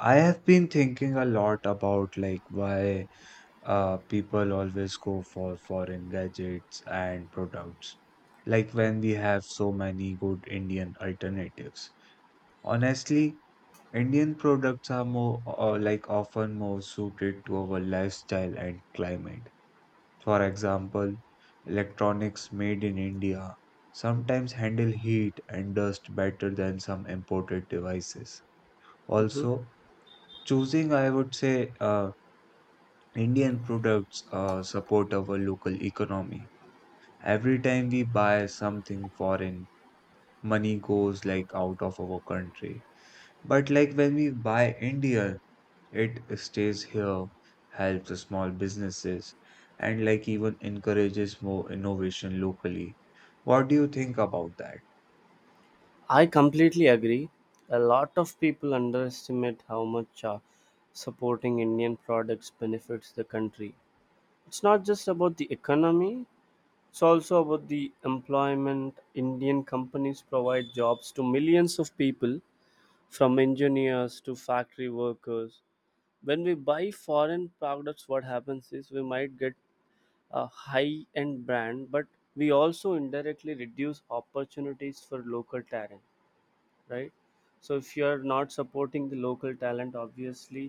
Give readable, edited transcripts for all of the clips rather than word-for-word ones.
I have been thinking a lot about like why people always go for foreign gadgets and products, like when we have so many good Indian alternatives. Honestly, Indian products are more like often more suited to our lifestyle and climate. For example, electronics made in India sometimes handle heat and dust better than some imported devices. Mhm. Also, choosing, I would say, Indian products support our local economy. Every time we buy something foreign, money goes like out of our country. But like when we buy Indian, it stays here, helps the small businesses, and like even encourages more innovation locally. What do you think about that? I completely agree. A lot of people underestimate how much supporting Indian products benefits the country. It's not just about the economy, it's also about the employment. Indian companies provide jobs to millions of people, from engineers to factory workers. When we buy foreign products, what happens is we might get a high end brand, but we also indirectly reduce opportunities for local talent, right? So if you are not supporting the local talent, obviously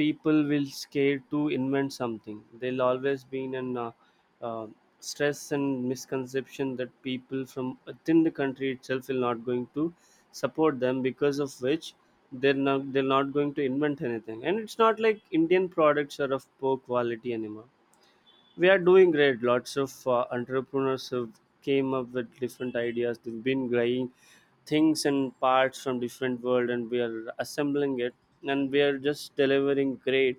people will scare to invent something. They'll always be in an uh, stress and misconception that people from within the country itself will not going to support them, because of which they're not going to invent anything. And it's not like Indian products are of poor quality anymore. We are doing great. Lots of entrepreneurs have came up with different ideas. They've been buying things and parts from different world and we are assembling it, and we are just delivering great.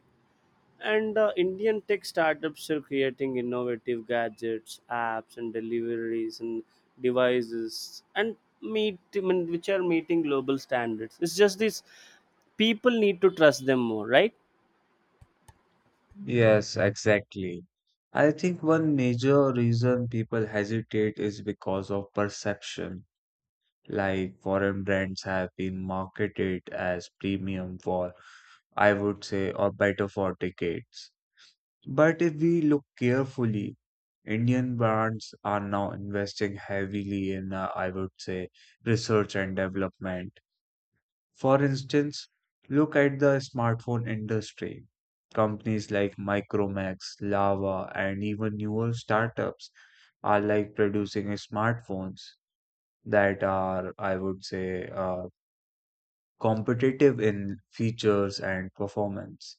And Indian tech startups are creating innovative gadgets, apps and deliveries and devices and which are meeting global standards. It's just this people need to trust them more, right? Yes, exactly. I think one major reason people hesitate is because of perception like foreign brands have been marketed as premium for, I would say, or better for decades. But if we look carefully, Indian brands are now investing heavily in, research and development. For instance, look at the smartphone industry. Companies like Micromax, Lava, and even newer startups are like producing smartphones that are, competitive in features and performance.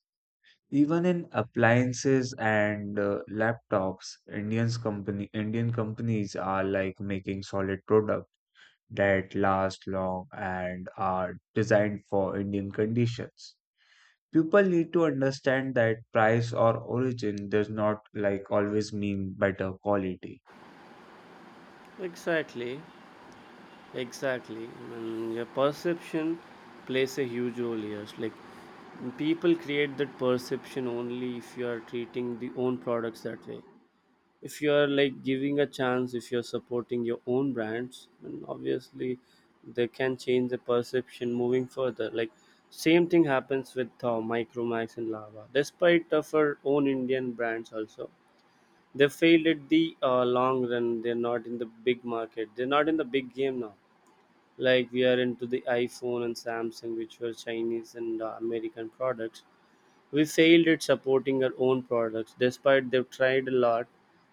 Even in appliances and laptops, Indian companies are like making solid products that last long and are designed for Indian conditions. People need to understand that price or origin does not like always mean better quality. Exactly. Exactly. And your perception plays a huge role here. It's like people create that perception only if you are treating the own products that way. If you are like giving a chance, if you're supporting your own brands, and obviously they can change the perception moving further. Like same thing happens with Micromax and Lava. Despite of our own Indian brands also, they failed at the long run. They're not in the big market. They're not in the big game now, like we are into the iPhone and Samsung, which were Chinese and American products. We failed at supporting our own products despite they've tried a lot.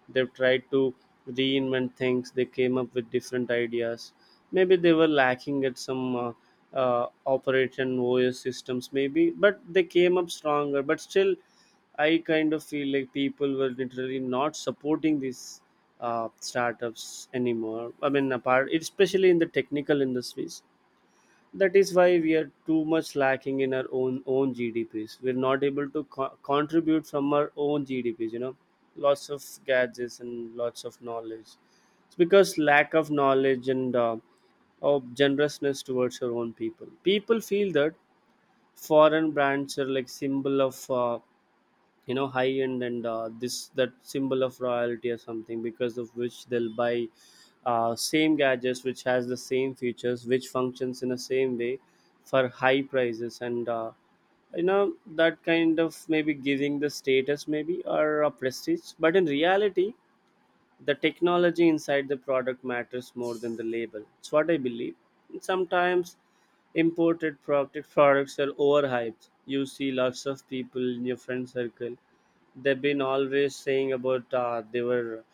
They've tried to reinvent things. They came up with different ideas. Maybe they were lacking at some operation os systems maybe, but they came up stronger. But still, I kind of feel like people were literally not supporting these startups anymore. I mean, apart especially in the technical industries, that is why we are too much lacking in our own GDPs. We're not able to contribute from our own GDPs. You know, lots of gadgets and lots of knowledge. It's because lack of knowledge and of generousness towards our own people. People feel that foreign brands are like symbol of. You know, high end and this that symbol of royalty or something, because of which they'll buy same gadgets which has the same features, which functions in the same way for high prices and you know, that kind of maybe giving the status maybe or a prestige, but in reality the technology inside the product matters more than the label. It's what I believe. And sometimes imported products are overhyped. You see lots of people in your friend circle, they've been always saying about they were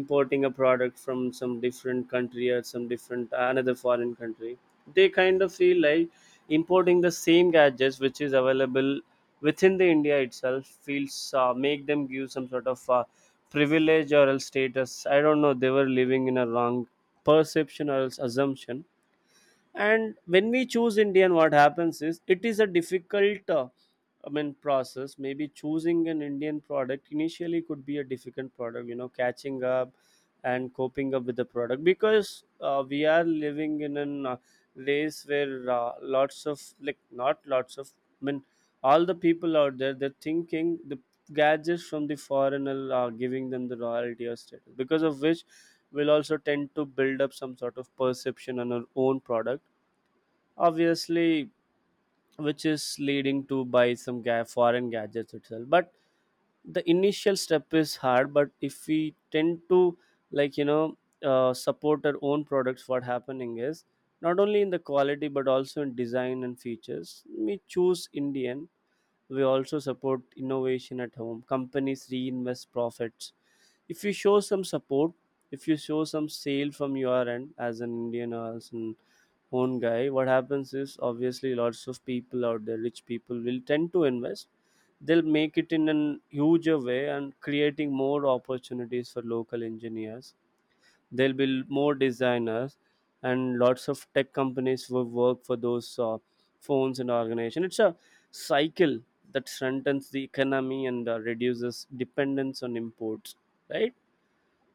importing a product from some different country or some different another foreign country. They kind of feel like importing the same gadgets which is available within the India itself feels make them give some sort of privilege or else status. I don't know, they were living in a wrong perception or else assumption. And when we choose Indian, what happens is it is a difficult process maybe choosing an Indian product initially could be a difficult product, you know, catching up and coping up with the product, because we are living in an race where lots of like not lots of I mean all the people out there, they're thinking the gadgets from the foreigner are giving them the royalty or status, because of which we'll also tend to build up some sort of perception on our own product, obviously, which is leading to buy foreign gadgets itself. But the initial step is hard, but if we tend to like you know support our own products, what happening is not only in the quality but also in design and features. We choose Indian, we also support innovation at home. Companies reinvest profits. If you show some support, if you show some sale from your end as an Indian or as an own guy, what happens is obviously lots of people out there, rich people will tend to invest. They'll make it in a huger way, and creating more opportunities for local engineers. There'll be more designers and lots of tech companies will work for those phones and organization. It's a cycle that strengthens the economy and reduces dependence on imports, right?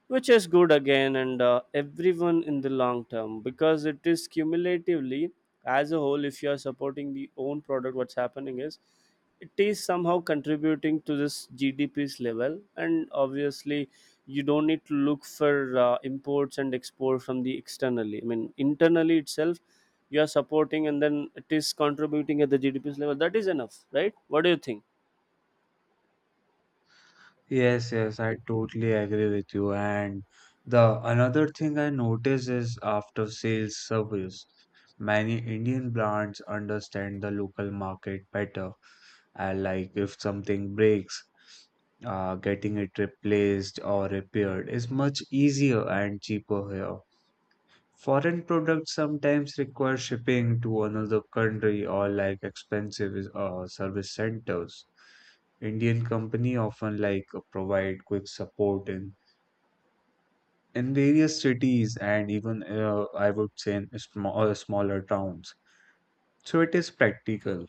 Which is good again, and everyone in the long term, because it is cumulatively as a whole. If you are supporting the own product, what's happening is it is somehow contributing to this GDP's level, and obviously you don't need to look for imports and export from the externally, I mean internally itself you are supporting, and then it is contributing at the GDP's level. That is enough, right? What do you think? Yes, yes, I totally agree with you. And the another thing I notice is after sales service. Many Indian brands understand the local market better. And like if something breaks, getting it replaced or repaired is much easier and cheaper here. Foreign products sometimes require shipping to another country or like expensive service centers. Indian company often like provide quick support in various cities and even I would say in small, smaller towns. So it is practical.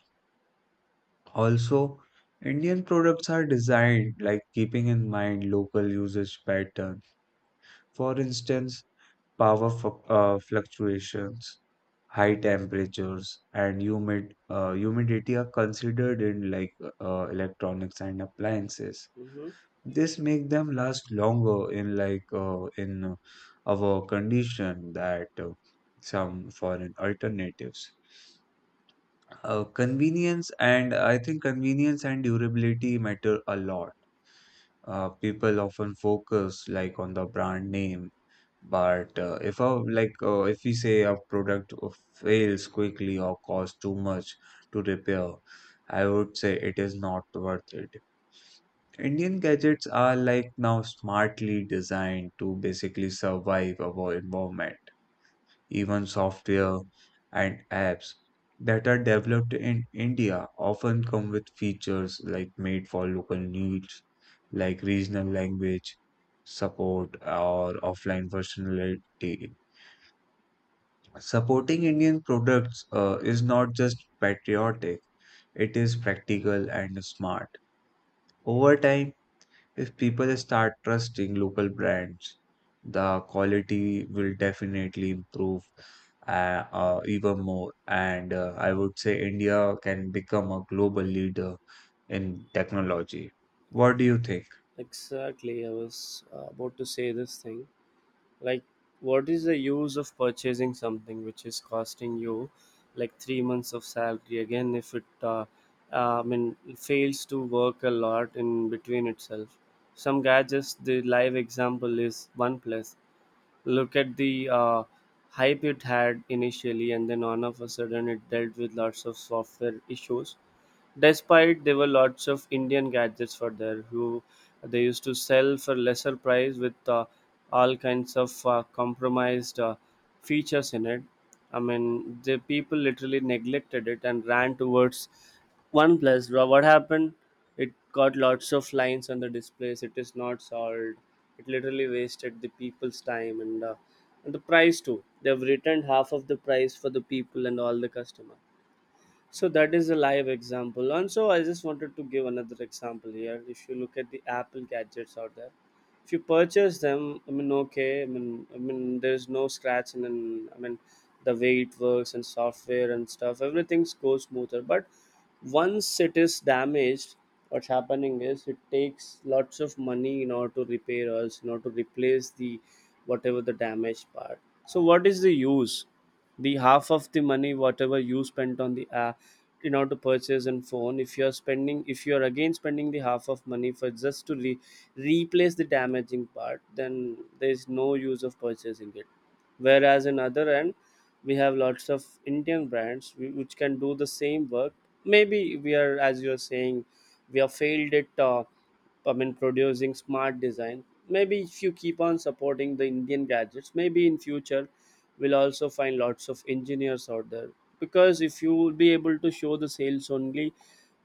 Also, Indian products are designed like keeping in mind local usage pattern. For instance, power fluctuations, high temperatures, and humidity are considered in like electronics and appliances. Hmm. This make them last longer in like in our condition that some foreign alternatives. Convenience and I think convenience and durability matter a lot. People often focus like on the brand name but if a if we say a product fails quickly or costs too much to repair, I would say it is not worth it. Indian gadgets are like now smartly designed to basically survive our environment. Even software and apps that are developed in India often come with features like made for local needs, like regional language support or offline functionality. Supporting Indian products is not just patriotic, it is practical and smart. Over time, if people start trusting local brands, the quality will definitely improve even more. And I would say India can become a global leader in technology. What do you think? Exactly, I was about to say this thing. Like, what is the use of purchasing something which is costing you like 3 months of salary again if it fails to work a lot in between itself? Some gadgets, the live example is OnePlus. Look at the hype it had initially, and then all of a sudden it dealt with lots of software issues. Despite there were lots of Indian gadgets for there who they used to sell for lesser price with all kinds of compromised features in it. I mean, the people literally neglected it and ran towards OnePlus. What happened? It got lots of lines on the displays. It is not solved. It literally wasted the people's time and the price too. They've returned half of the price for the people and all the customer. So that is a live example. And so I just wanted to give another example here. If you look at the Apple gadgets out there, if you purchase them, there's no scratch, and then the way it works and software and stuff, everything goes smoother, but once it is damaged, what's happening is it takes lots of money in order to repair us, in order to replace the whatever the damaged part. So what is the use? The half of the money whatever you spent on the app in order to purchase and phone, if you are spending, if you are again spending the half of money for just to replace the damaging part, then there is no use of purchasing it. Whereas in other end, we have lots of Indian brands which can do the same work. Maybe we are, as you are saying, we have failed at producing smart design. Maybe if you keep on supporting the Indian gadgets, maybe in future we'll also find lots of engineers out there. Because if you will be able to show the sales only,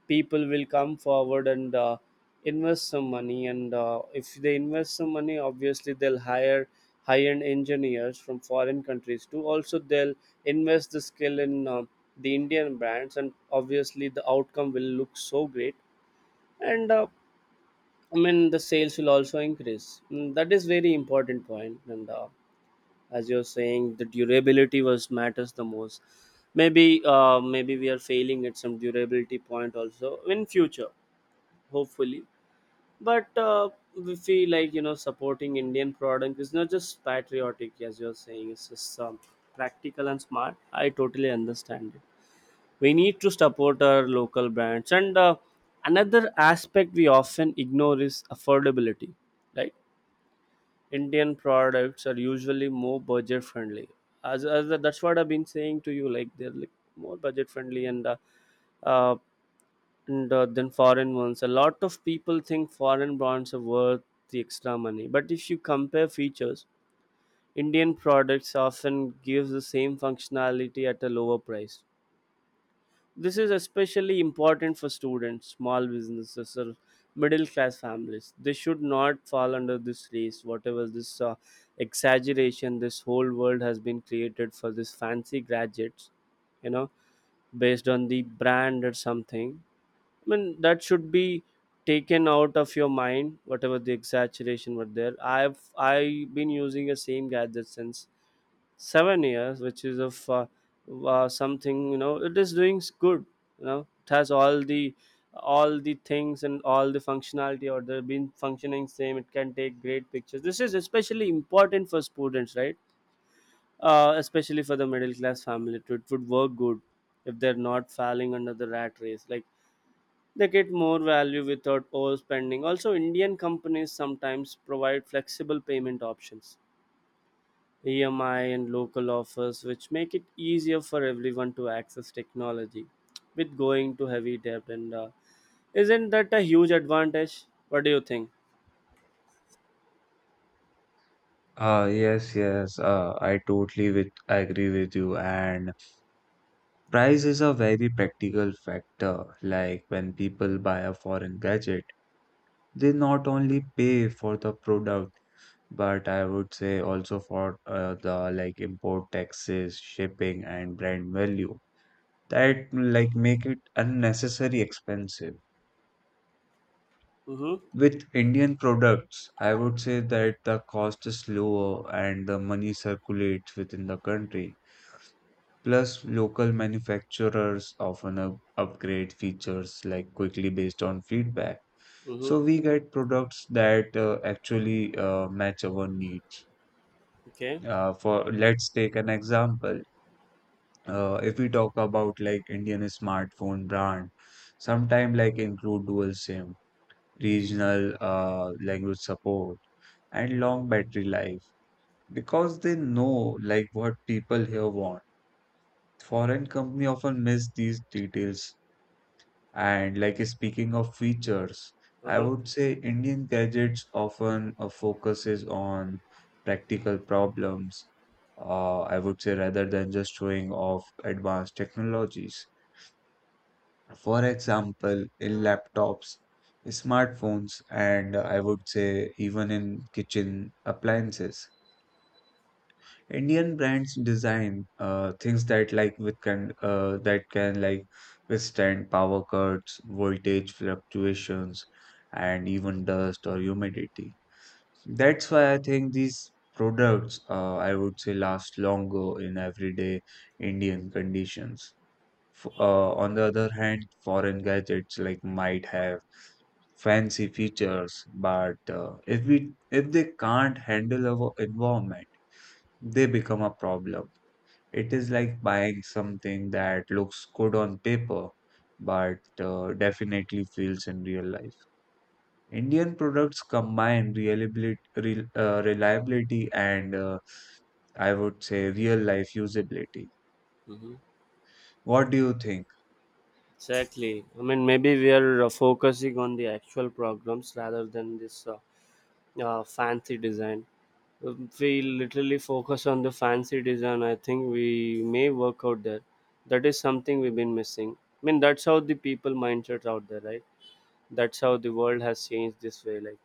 people will come forward and invest some money, and if they invest some money, obviously they'll hire high-end engineers from foreign countries too. Also they'll invest the skill in the Indian brands, and obviously the outcome will look so great. And the sales will also increase. Mm, that is very important point. And as you're saying, the durability was matters the most. Maybe maybe we are failing at some durability point also in future, hopefully. But we feel like, you know, supporting Indian product is not just patriotic, as you're saying, it's just practical and smart. I totally understand it. We need to support our local brands. And another aspect we often ignore is affordability, right? Indian products are usually more budget friendly, as that's what I've been saying to you. Like they're like more budget friendly, uh, and than foreign ones. A lot of people think foreign brands are worth the extra money, but if you compare features, Indian products often give the same functionality at a lower price. This is especially important for students, small businesses, or middle class families. They should not fall under this race, whatever this exaggeration this whole world has been created for this fancy gadgets, you know, based on the brand or something. I mean, that should be taken out of your mind, whatever the exaggeration were there. I've been using the same gadget since 7 years, which is of something, you know. It is doing good. You know, it has all the things and all the functionality or they've been functioning same. It can take great pictures. This is especially important for students, right? Especially for the middle class family it would work good if they're not falling under the rat race, like they get more value without overspending. Also, Indian companies sometimes provide flexible payment options, EMI and local offers, which make it easier for everyone to access technology with going to heavy debt. And Isn't that a huge advantage? What do you think? Yes, yes, I agree with you, and price is a very practical factor. Like when people buy a foreign gadget, they not only pay for the product, but I would say also for the like import taxes, shipping, and brand value that like make it unnecessary expensive. Mm-hmm. With Indian products, I would say that the cost is lower and the money circulates within the country. Plus, local manufacturers often upgrade features like quickly based on feedback. Mm-hmm. So we get products that actually match our needs. Okay. For let's take an example. If we talk about like Indian smartphone brand, sometime like include dual SIM, regional language support, and long battery life because they know like what people here want. Foreign company often miss these details. And like speaking of features, I Uh-huh. would say Indian gadgets often focuses on practical problems. I would say rather than just showing off advanced technologies. For example, in laptops, smartphones, and I would say even in kitchen appliances. Indian brands design things that like with can that can like withstand power cuts, voltage fluctuations, and even dust or humidity. That's why I think these products I would say last longer in everyday Indian conditions. F On the other hand, foreign gadgets like might have fancy features, but if they can't handle our environment, they become a problem. It is like buying something that looks good on paper, but definitely fails in real life. Indian products combine reliability, reliability and I would say real life usability. Mm-hmm. What do you think? Exactly. I mean, maybe we are focusing on the actual programs rather than this fancy design. We literally focus on the fancy design. I think we may work out there. That is something we've been missing. I mean, that's how the people mindsets out there, right? That's how the world has changed, this way, like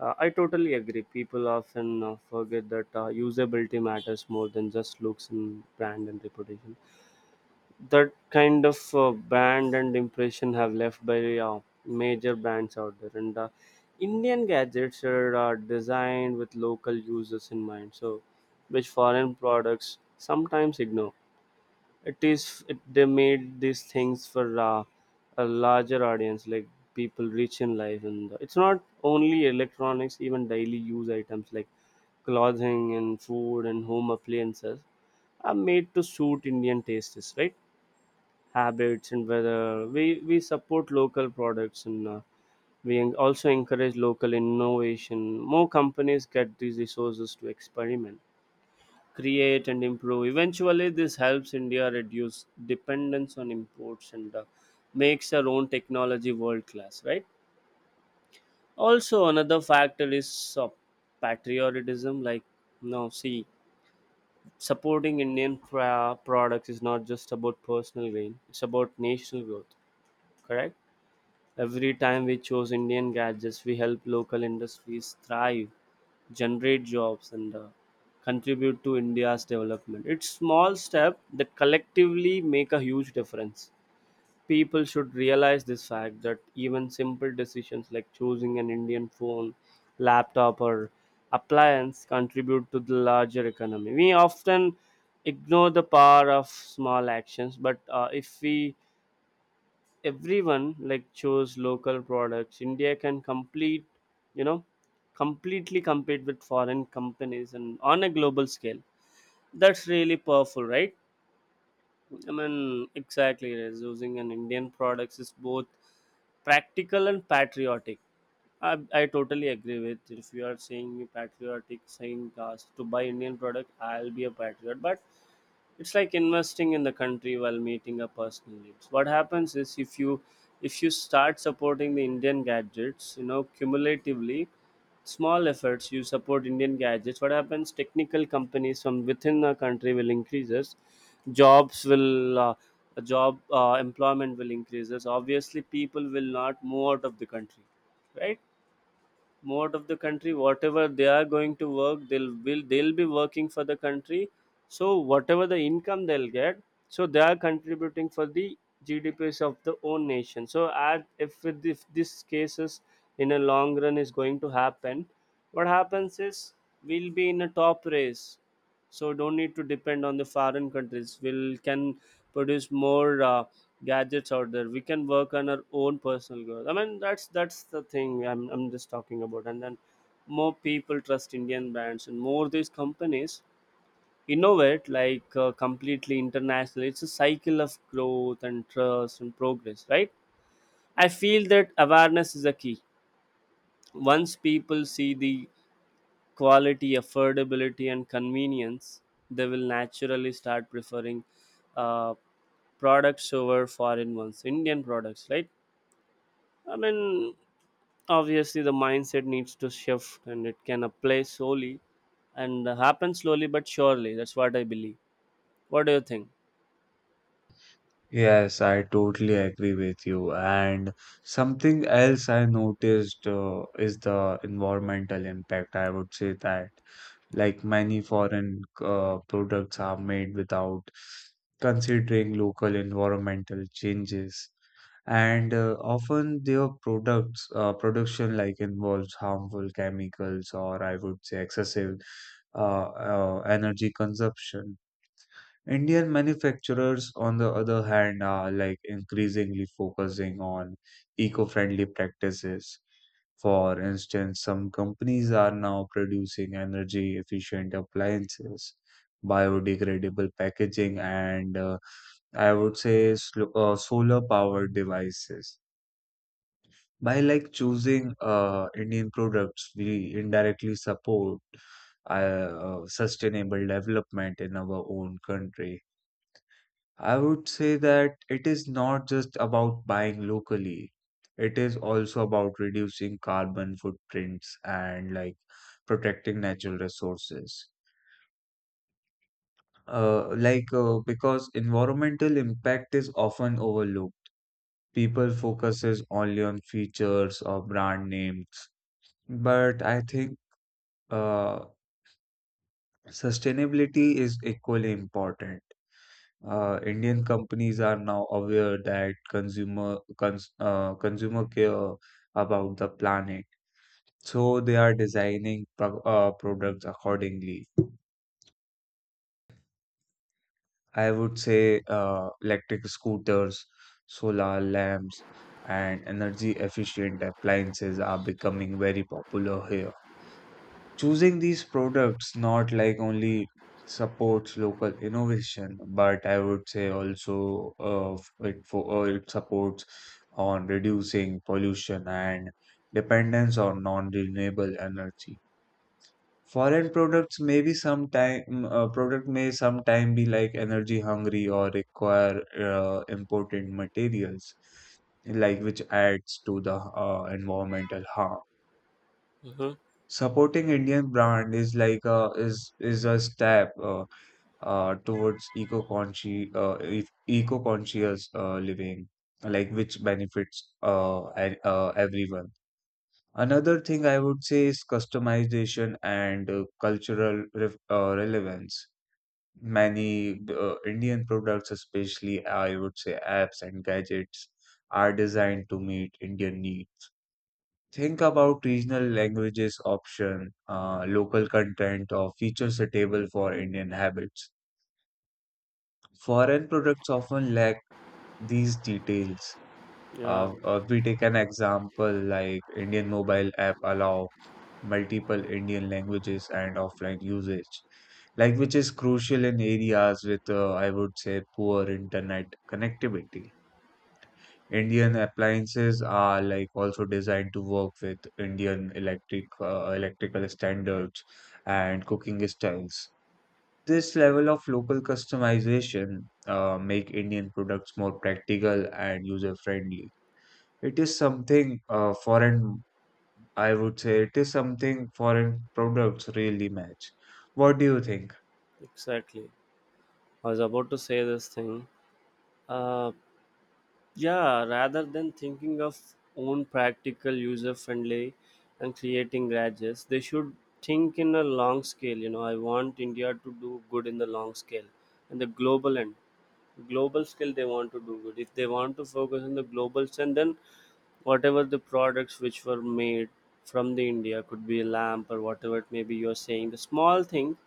I totally agree. People often forget that usability matters more than just looks and brand and reputation. That kind of band and impression have left by major brands out there. And Indian gadgets are designed with local users in mind, so which foreign products sometimes ignore. It is it, they made these things for a larger audience, like people rich in life. And it's not only electronics, even daily use items like clothing and food and home appliances are made to suit Indian tastes, right? Habits and whether we support local products, and we also encourage local innovation. More companies get these resources to experiment, create, and improve. Eventually, this helps India reduce dependence on imports, and makes our own technology world class, right? Also, another factor is patriotism, like no, see, supporting Indian products is not just about personal gain, it's about national growth. Correct. Every time we choose Indian gadgets, we help local industries thrive, generate jobs, and contribute to India's development. It's small steps that collectively make a huge difference. People should realize this fact that even simple decisions like choosing an Indian phone, laptop, or appliance contribute to the larger economy. We often ignore the power of small actions, but if we, everyone like, chose local products, India can complete, you know, completely compete with foreign companies and on a global scale. That's really powerful, right? I mean, exactly, it is. Using an Indian products is both practical and patriotic. I totally agree with, if you are saying me patriotic saying cast to buy Indian product, I'll be a patriot. But it's like investing in the country while meeting a personal needs. What happens is, if you, if you start supporting the Indian gadgets, you know, cumulatively, small efforts, you support Indian gadgets. What happens? Technical companies from within the country will increases, jobs will job employment will increases. Obviously, people will not move out of the country, right? Mode of the country, whatever they are going to work, they'll be working for the country, so whatever the income they'll get, so they are contributing for the GDPs of the own nation. So as if, if this cases in a long run is going to happen, what happens is we'll be in a top race, so don't need to depend on the foreign countries. We'll can produce more gadgets out there. We can work on our own personal growth. I mean, that's the thing I'm just talking about. And then more people trust Indian brands, and more these companies innovate, like completely international. It's a cycle of growth and trust and progress, right? I feel that awareness is a key. Once people see the quality, affordability, and convenience, they will naturally start preferring uh, products over foreign ones, Indian products, right? I mean, obviously, the mindset needs to shift and it can apply slowly and happen slowly but surely. That's what I believe. What do you think? Yes, I totally agree with you. And something else I noticed is the environmental impact. I would say that, like many foreign products are made without considering local environmental changes, and often their products production like involves harmful chemicals or I would say excessive energy consumption. Indian manufacturers, on the other hand, are like increasingly focusing on eco-friendly practices. For instance, some companies are now producing energy efficient appliances, biodegradable packaging, and I would say solar powered devices. By like choosing Indian products, we indirectly support sustainable development in our own country. I would say that it is not just about buying locally. It is also about reducing carbon footprints and like protecting natural resources. Because environmental impact is often overlooked. People focuses only on features or brand names, but I think uh, sustainability is equally important. Indian companies are now aware that consumer care about the planet, so they are designing products accordingly. I would say electric scooters, solar lamps, and energy efficient appliances are becoming very popular here. Choosing these products not like only supports local innovation, but I would say also it supports on reducing pollution and dependence on non-renewable energy. Foreign products may be sometime product may sometime be like energy hungry or require imported materials, like which adds to the environmental harm. Mm-hmm. Supporting Indian brand is like a is a step towards eco-conscious eco-conscious living, like which benefits everyone. Another thing I would say is customization and cultural ref relevance. Many Indian products, especially I would say apps and gadgets, are designed to meet Indian needs. Think about regional languages option, local content, or features suitable for Indian habits. Foreign products often lack these details. Yeah, We take an example like Indian mobile app allow multiple Indian languages and offline usage, like which is crucial in areas with I would say poor internet connectivity. Indian appliances are like also designed to work with Indian electrical standards and cooking styles. This level of local customization make Indian products more practical and user friendly. It is something foreign, I would say, it is something foreign products really match. What do you think? exactly. I was about to say this thing. Uh, Yeah, rather than thinking of own practical, user friendly, and creating gadgets, they should think in a long scale. You know, I want India to do good in the long scale and the global end. Global scale, they want to do good. If they want to focus on the global scale, then whatever the products which were made from the India could be a lamp or whatever it may be. You're saying the small thing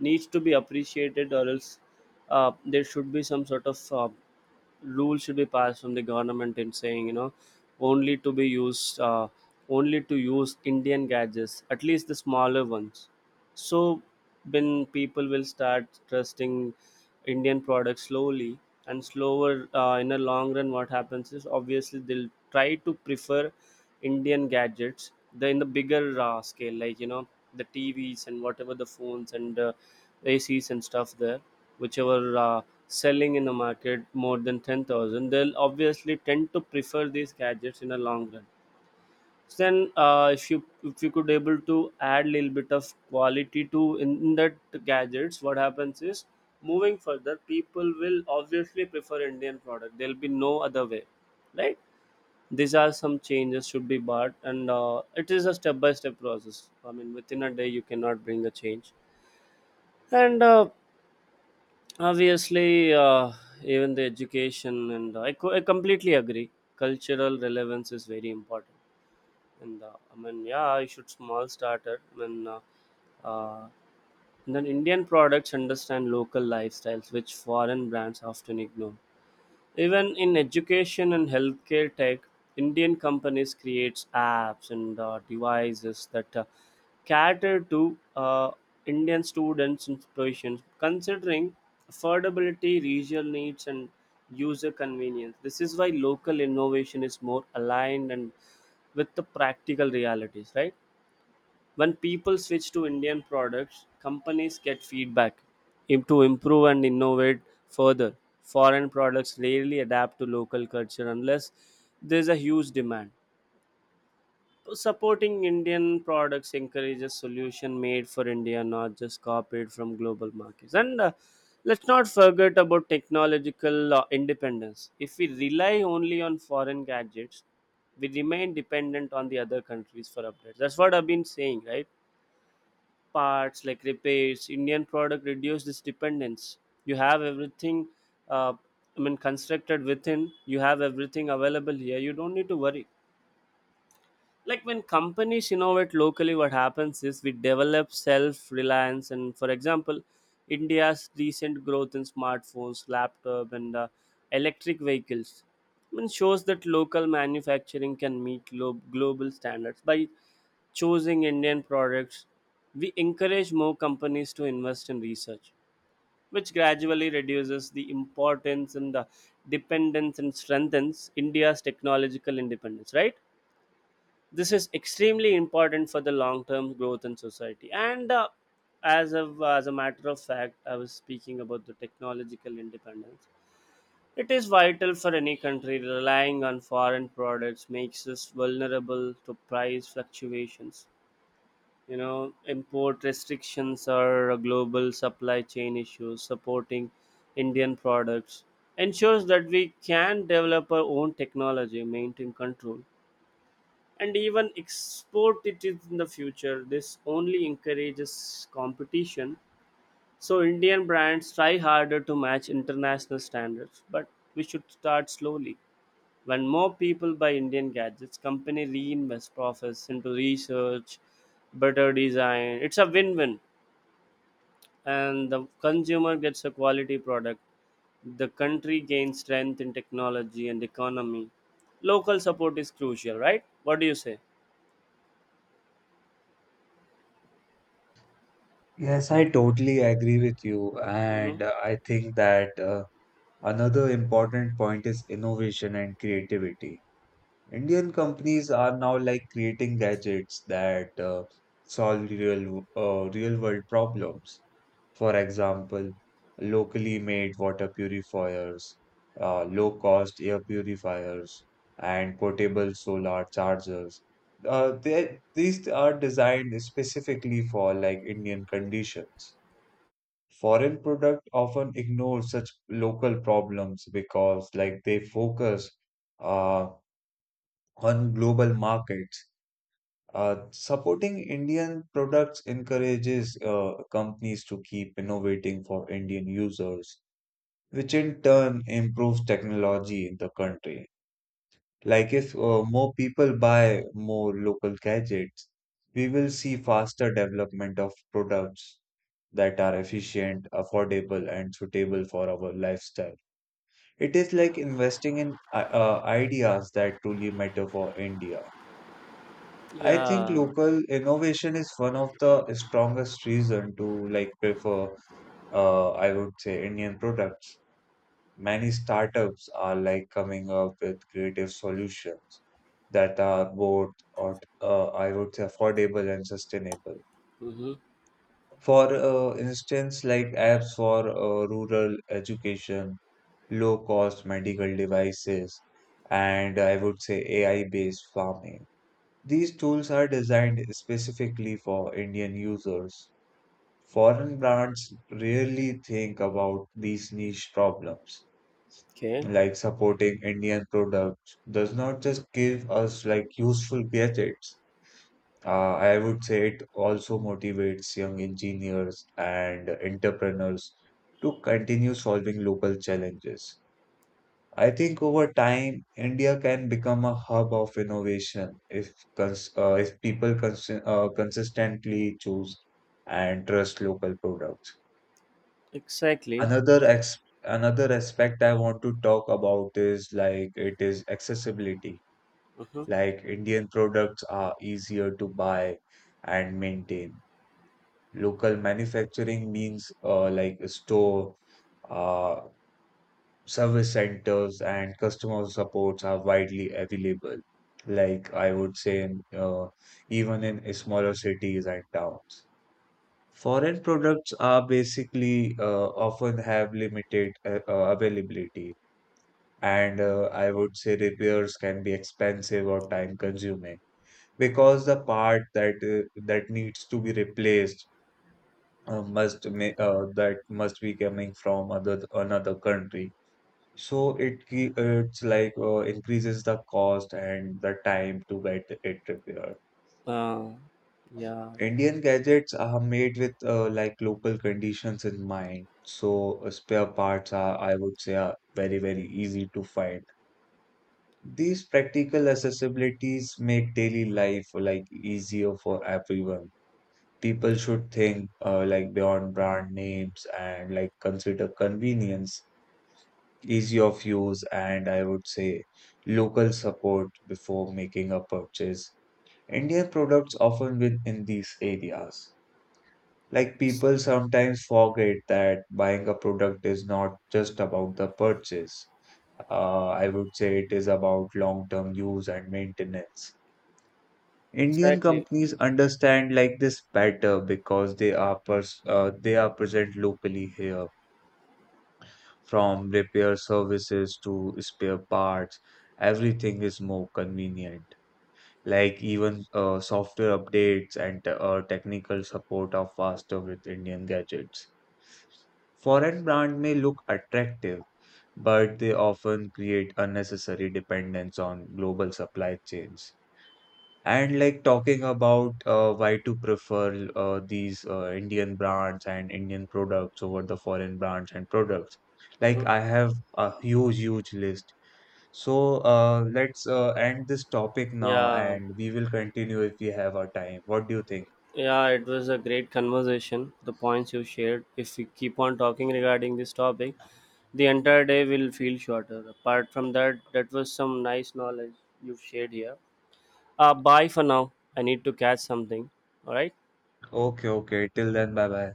needs to be appreciated, or else there should be some sort of rule should be passed from the government in saying, you know, only to be used only to use Indian gadgets, at least the smaller ones. So when people will start trusting Indian products slowly and slower in a long run, what happens is obviously they'll try to prefer Indian gadgets, the in the bigger scale, like you know, the TVs and whatever the phones and ACs and stuff there, whichever selling in the market more than 10,000, they'll obviously tend to prefer these gadgets in the long run. So then, if you, if you could able to add a little bit of quality to in that gadgets, what happens is moving further, people will obviously prefer Indian product. There'll be no other way, right? These are some changes should be bought, and it is a step by step process. I mean, within a day you cannot bring a change. And obviously even the education and I completely agree, cultural relevance is very important. And I mean, yeah, I should small starter. Uh, and then Indian products understand local lifestyles which foreign brands often ignore. Even in education and healthcare tech, Indian companies creates apps and devices that cater to Indian students' inspirations, considering affordability, regional needs, and user convenience. This is why local innovation is more aligned and with the practical realities, right? When people switch to Indian products, companies get feedback to improve and innovate further. Foreign products rarely adapt to local culture unless there's a huge demand. So supporting Indian products encourages solution made for India, not just copied from global markets. And let's not forget about technological independence. If we rely only on foreign gadgets, we remain dependent on the other countries for updates. That's what I've been saying, right? Parts like repairs, Indian product reduce this dependence. You have everything, uh, I mean, constructed within. You have everything available here. You don't need to worry. Like when companies innovate locally, what happens is we develop self reliance. And for example, India's recent growth in smartphones, laptop, and electric vehicles, I mean, shows that local manufacturing can meet global standards. By choosing Indian products, we encourage more companies to invest in research, which gradually reduces the importance and the dependence and strengthens India's technological independence, right? This is extremely important for the long term growth in society. And as a matter of fact, I was speaking about the technological independence. It is vital for any country. Relying on foreign products makes us vulnerable to price fluctuations, you know, import restrictions are a global supply chain issue. Supporting Indian products ensures that we can develop our own technology, maintain control, and even export it in the future. This only encourages competition, so Indian brands try harder to match international standards. But we should start slowly. When more people buy Indian gadgets, company reinvest profits into research, better design. It's a win-win, and the consumer gets a quality product. The country gains strength in technology and economy. Local support is crucial, right? What do you say? Yes, I totally agree with you, Hmm. and I think that another important point is innovation and creativity. Indian companies are now like creating gadgets that solve real world problems. For example, locally made water purifiers, low cost air purifiers, and portable solar chargers. These are designed specifically for like Indian conditions. Foreign product often ignore such local problems because like they focus uh, on global markets. Supporting Indian products encourages companies to keep innovating for Indian users, which in turn improves technology in the country. Like if more people buy more local gadgets, we will see faster development of products that are efficient, affordable, and suitable for our lifestyle. It is like investing in ideas that truly matter for India. I think Yeah. local innovation is one of the strongest reason to like prefer I would say Indian products. Many startups are like coming up with creative solutions that are both, or I would say, affordable and sustainable. Mm-hmm. For instance, like apps for rural education, low cost medical devices, and I would say AI based farming. These tools are designed specifically for Indian users. Foreign brands rarely think about these niche problems. Okay. Like supporting Indian products does not just give us like useful gadgets. I would say it also motivates young engineers and entrepreneurs to continue solving local challenges. I think over time, India can become a hub of innovation if cons if people cons consistently choose and trust local products. Exactly. Another ex Another aspect I want to talk about is like it is accessibility. Mm-hmm. Like Indian products are easier to buy and maintain. Local manufacturing means like store. Service centers and customer supports are widely available. Like I would say, even in smaller cities and towns, foreign products are basically often have limited availability, and I would say repairs can be expensive or time-consuming because the part that that needs to be replaced that must be coming from other another country so it's like increases the cost and the time to get it repaired. Uh, yeah. Indian gadgets are made with like local conditions in mind. So spare parts are, I would say, are very, very easy to find. These practical accessibilities make daily life like easier for everyone. People should think like beyond brand names and like consider convenience, easy of use, and I would say local support before making a purchase. Indian products often win in these areas. Like Ex- people sometimes forget that buying a product is not just about the purchase. I would say it is about long-term use and maintenance. Indian exactly. companies understand like this better because they are pers they are present locally here. From repair services to spare parts, everything is more convenient. Like even software updates and technical support are faster with Indian gadgets. Foreign brand may look attractive, but they often create unnecessary dependence on global supply chains. And like talking about why to prefer these Indian brands and Indian products over the foreign brands and products. Like I Mm-hmm. have a huge, huge list. So let's end this topic now Yeah. and we will continue if we have our time. What do you think? Yeah, it was a great conversation. The points you shared, if we keep on talking regarding this topic, the entire day will feel shorter. Apart from that, that was some nice knowledge you've shared here. Bye for now. I need to catch something. All right. Okay, okay. Till then, bye bye.